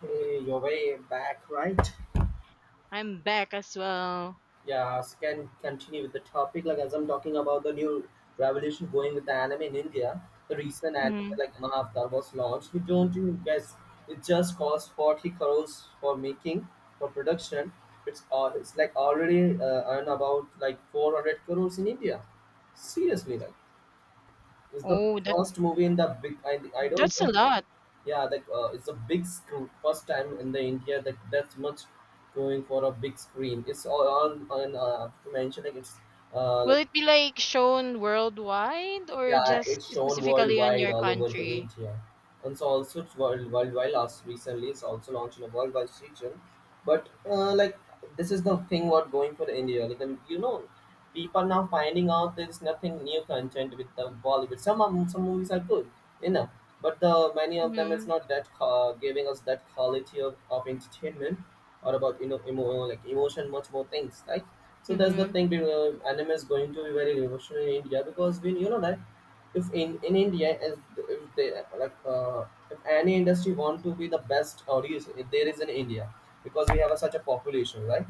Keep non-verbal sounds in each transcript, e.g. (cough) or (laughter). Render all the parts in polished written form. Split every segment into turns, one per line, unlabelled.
Hey, you're way back, right?
I'm back as well.
Yeah, so can continue with the topic. Like as I'm talking about the new revolution going with the anime in India, the recent anime
Mhm.
like Mahavatar was launched. You don't you guys. It just cost 40 crores for making for production. It's like already earn about like 400 crores in India. Seriously, like it's the
Oh, that
first movie in the big. I don't
that's a
know.
lot.
Yeah, that it's a big screen. First time in the India that that's much going for a big screen. It's all on to mention like it's uh
Will
like
it be like shown worldwide or
yeah,
just
it's shown
specifically on
worldwide
your
all over the
country?
India. And so also it's worldwide last recently it's also launched in a worldwide region. But like this is the thing what going for India. Like and you know people now finding out there's nothing new content with the Bollywood. Some movies are good, you know, but the many of them is
Mhm.
not that giving us that quality of entertainment or about you know like emotion, much more things like. So that's the
Mhm.
thing. You anime is going to be very emotional in India because we you know that if in India if they like if any industry want to be the best audience, if there is in India because we have a, such a population, right?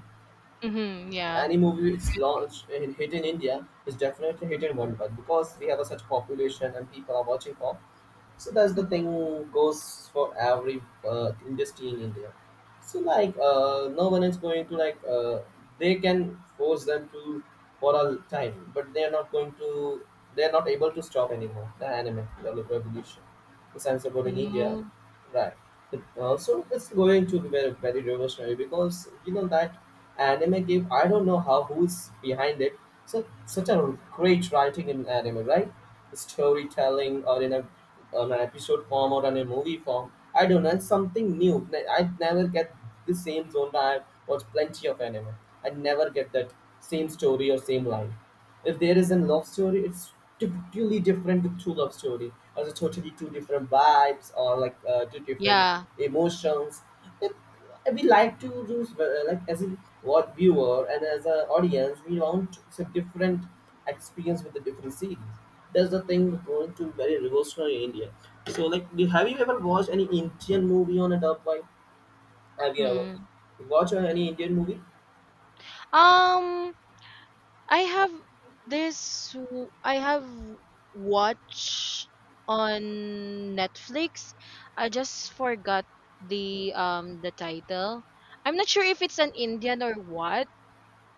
Mhm. Yeah.
Any movie
I
is
agree.
launched in hit in India is definitely hit in worldwide because we have a such population and people are watching for so that's the
Mhm.
thing goes for every industry in India so like no one is going to like they can force them to for a time but they are not going to they are not able to stop anymore the anime revolution since I'm supporting India
Ooh.
right but also it's going to be very revolutionary because you know that anime game I don't know how who's behind it so such a great writing in anime right storytelling or in a on an episode form or on a movie form. I don't know, it's something new. I never get the same zone. I watch plenty of anime. I never get that same story or same line. If there is a love story, it's totally different with true love story. Or it's totally two different vibes or like two different
Yeah.
emotions. It, we like to do like as a what viewer and as an audience, we want some different experience with the different series. That's the thing going to very revolutionary in India. So like, do, have you ever watched any Indian movie on a dub vibe? Have you ever
Mhm.
watched any Indian movie?
Um, I have I have watch on Netflix. I just forgot the the title. I'm not sure if it's an Indian or what,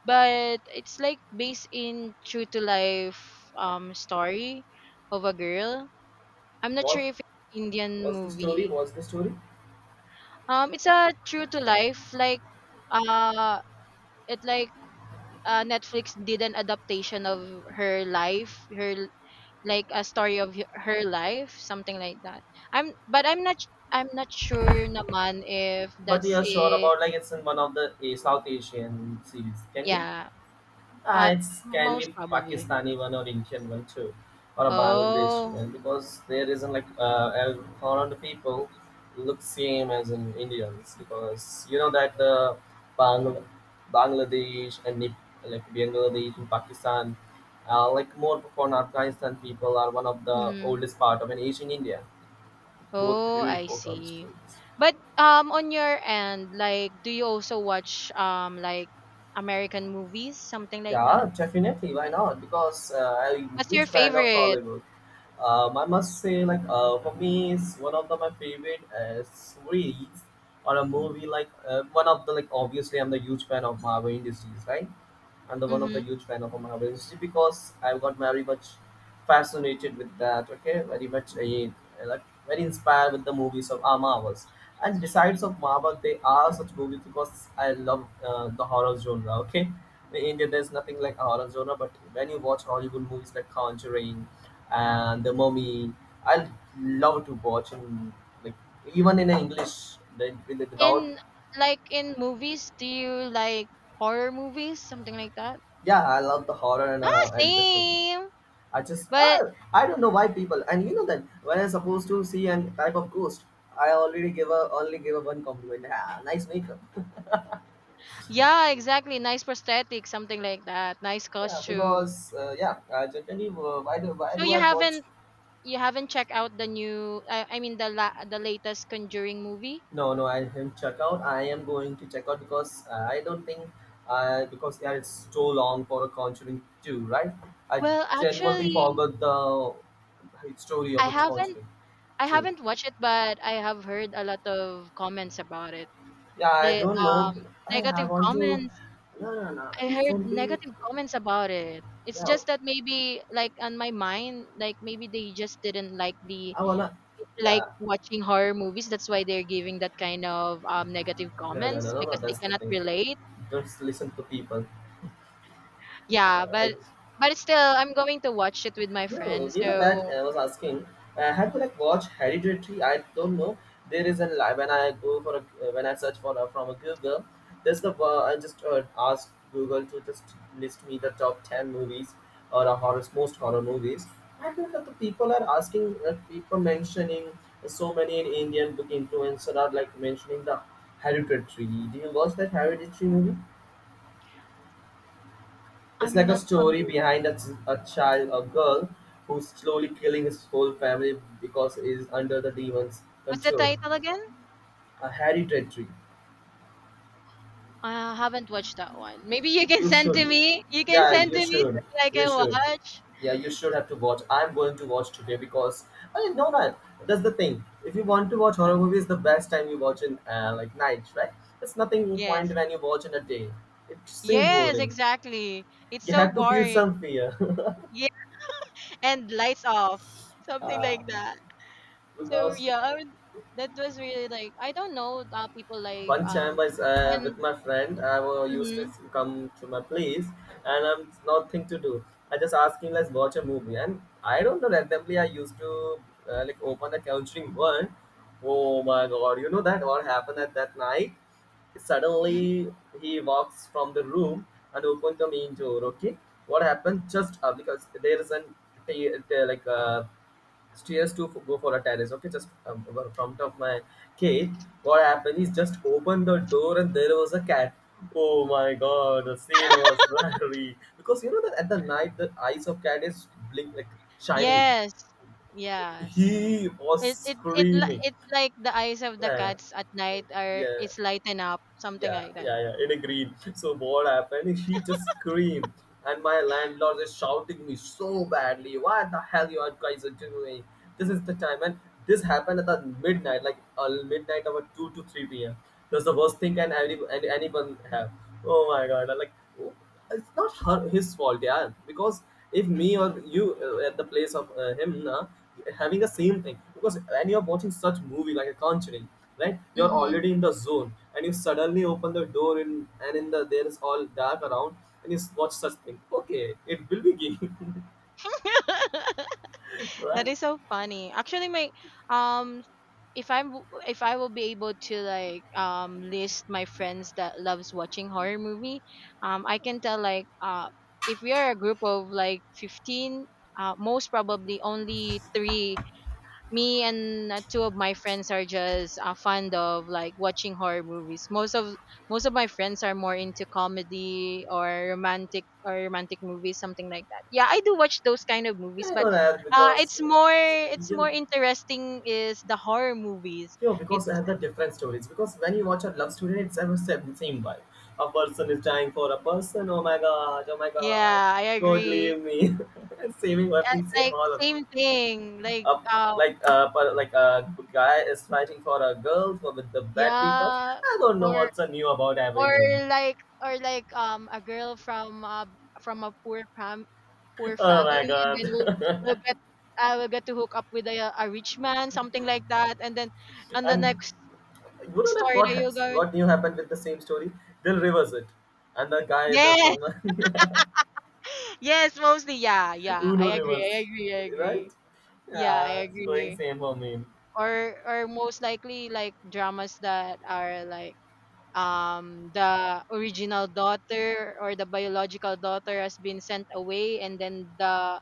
but it's like based in true to life story of a girl. I'm not sure
What
if it's Indian
was the story?
movie.
What's the story?
It's a true to life like uh it like Netflix did an adaptation of her life, her like a story of her life, something like that. I'm not I'm not sure naman if
But you
that's
are sure
it.
about like it's in one of the a South Asian series, can you?
Yeah,
Ah,
pa-
it's can be
most probably.
Pakistani one or Indian one too, or a Bangladesh
Oh.
one because there isn't like a foreign people look same as in Indians because you know that the Bangl- Bangladesh and like Bangladesh and Pakistan, like more from Afghanistan people are one of the
Mm-hmm.
oldest part of an Asian India. Both
Oh,
three
I
or comes
see.
true.
But on your end, like do you also watch like American movies, something like
Yeah,
that?
definitely. Why not? Because I'm a
What's your
huge fan of
favorite?
Hollywood. I must say, like, for me, it's one of the, my favorite series or a movie. Like, one of the, like, obviously, I'm the huge fan of Marvel Industries, right? And the one of the
Mm-hmm.
huge fan of Marvel history because I've got very much fascinated with that. Okay, very much a, like very inspired with the movies of our Marvels. And besides of Marvel, they are such movies because I love the horror genre. Okay, in India there's nothing like a horror genre, but when you watch Hollywood movies like Conjuring and The Mummy, I love to watch in like even in English, they, without
In like in movies, do you like horror movies, something like that?
yeah, I love the horror
Ah,
and listen.
same.
I just
But
I don't know why people and you know that when I'm supposed to see an type of ghost, I already give a one compliment. Ah, nice makeup.
yeah, exactly. Nice prosthetic, something like that. Nice
Yeah,
costume.
because yeah, generally why
So
do
you
I watch?
haven't you haven't checked out the new I mean the latest Conjuring movie?
No, no, I didn't check out. I am going to check out because I don't think because yeah, it's so long for a Conjuring two, right? I
Well,
genuinely
actually,
forgot the story of
I
a
haven't
Conjuring
I
two.
haven't watched it, but I have heard a lot of comments about it.
Yeah, I
The
don't know. I
negative
want to.
comments.
No, no, no.
I heard
Recently,
negative comments about it. It's
yeah.
just that maybe like on my mind, like maybe they just didn't like the
I wanna,
like
yeah,
watching horror movies. That's why they're giving that kind of negative
no, no, no,
comments
no, no,
because they
that's the
cannot
thing.
relate.
Just listen to people.
Yeah,
I
but still, I'm going to watch it with my
Yo,
friend.
you know that
So
I was asking, I have to like watched Hereditary? I don't know. There is a when I go for a when I search for a, from a Google, there's the I just asked Google to just list me the top 10 movies or a horror most horror movies. I think that the people are asking, people mentioning so many Indian book influencers are like mentioning the Hereditary. Do you watch that Hereditary movie? It's
I'm
like a
not
story
familiar.
behind a, a child, a girl, who's slowly killing his whole family because he is under the demon's
What's the
control.
title again?
A hereditary.
I haven't watched that one. Maybe you can
You
send to
should.
me. You can
Yeah,
send to
you
me so
should.
that I
You
can
should.
watch.
Yeah, you should have to watch. I'm going to watch today because I didn't know that. That's the thing. If you want to watch horror movies, the best time you watch in like night, right? It's nothing point
Yes.
when you watch in a day. It seems
Yes,
boring.
exactly. It's
You
so
have to feel
boring.
some fear. (laughs)
Yeah. And lights off. Something
Uh,
like that. So
because
yeah, that was really like I don't know people like
one chamber is with
when
my friend. Used to
mhm.
come to my place, and I'm nothing to do. I just ask him, let's watch a movie, and I don't know. Randomly, I used to like open the countering one. Oh my god! You know that what happened at that night? Suddenly, he walks from the room and opened the main door. Okay, what happened? Just because there is an like a stairs to go for a terrace. Okay, just well, from top of my cave, what happened is just opened the door and there was a cat. Oh my god, the scene was (laughs) very because you know that at the night the eyes of cat is blink like shining.
Yes. Yes.
He was screaming.
It's like the eyes of the
Uh,
cats at night are
yeah,
it's lighten up, something like that.
yeah, in a green. So what happened? He just screamed, and my landlord is shouting me so badly. What the hell you are guys are doing? This is the time, and this happened at the midnight, like midnight about two to three p.m. That's the worst thing can any, anyone have. Oh my god! I'm like, oh, it's not her his fault yeah because if me or you at the place of him na, having the same thing because when you're watching such movie like a conjuring right you're
Mhm.
already in the zone and you suddenly open the door in there is all dark around and you watch such thing okay it will be gay
(laughs)
(laughs)
That
right
is so funny. Actually, my um, if I'm if I will be able to like list my friends that loves watching horror movie, I can tell like if we are a group of like 15, most probably only three, me and two of my friends are just fond of like watching horror movies. Most of my friends are more into comedy or romantic movies, something like that. Yeah, I do watch those kind of movies,
I
but
know that because
it's
you,
more interesting is the horror movies.
yeah, because I
It's
have the different stories. Because when you watch a love story, it's ever same vibe. A person is dying for a person. Oh my god! Oh my god!
yeah, I
God
agree.
leave me. (laughs) And saving everything same
Like
all along.
same thing, like
Uh, like but like a guy is fighting for a girl for with the bad people.
yeah,
I don't know
or
what's a new about every
or
movie. (laughs)
like or like a girl from from a poor fam- poor
Oh my
family and then we'll
god!
we'll
(laughs)
get I will get to hook up with a rich man, something like that, and then on the
And
next
you know that
story
what
that you're
has,
going.
what new happened with the same story? They'll reverse it, and the guy is the
Yes.
from. (laughs)
Yes, mostly. Yeah,
(laughs)
yeah,
Uno
I agree,
reverse,
I agree, I agree.
right?
Yeah,
Yeah,
I
it's going
agree.
same for me.
Or most likely like dramas that are like the original daughter or the biological daughter has been sent away, and then the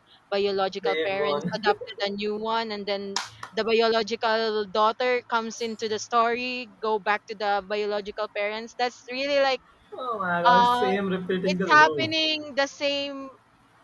The
biological
fade
parents
one. (laughs)
adopted a new one, and then the biological daughter comes into the story, go back to the biological parents. That's really like
Oh my god,
uh
same repeating
it's
the loop.
happening the same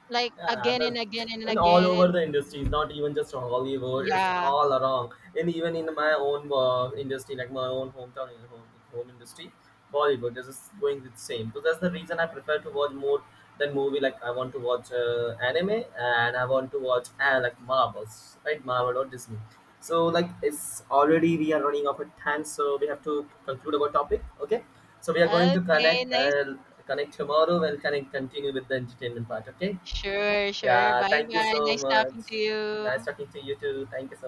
like
Yeah,
again
that's
and again and
and all
again
over
and
the industries, not even just Hollywood. It's
yeah.
all around, and even in my own industry, like my own hometown in home, home industry, Bollywood is just going the same. So that's the reason I prefer to watch more than movie. Like I want to watch anime and I want to watch like Marvels, right? Marvel or Disney. So like it's already we are running out of time, so we have to conclude our topic. Okay, so we are going to
Okay,
connect
nice.
tomorrow. We'll connect continue with the entertainment part. Okay.
Sure, sure.
Yeah,
Bye
thank you
bye,
so
nice
much.
talking to you.
Nice talking to you too. Thank you so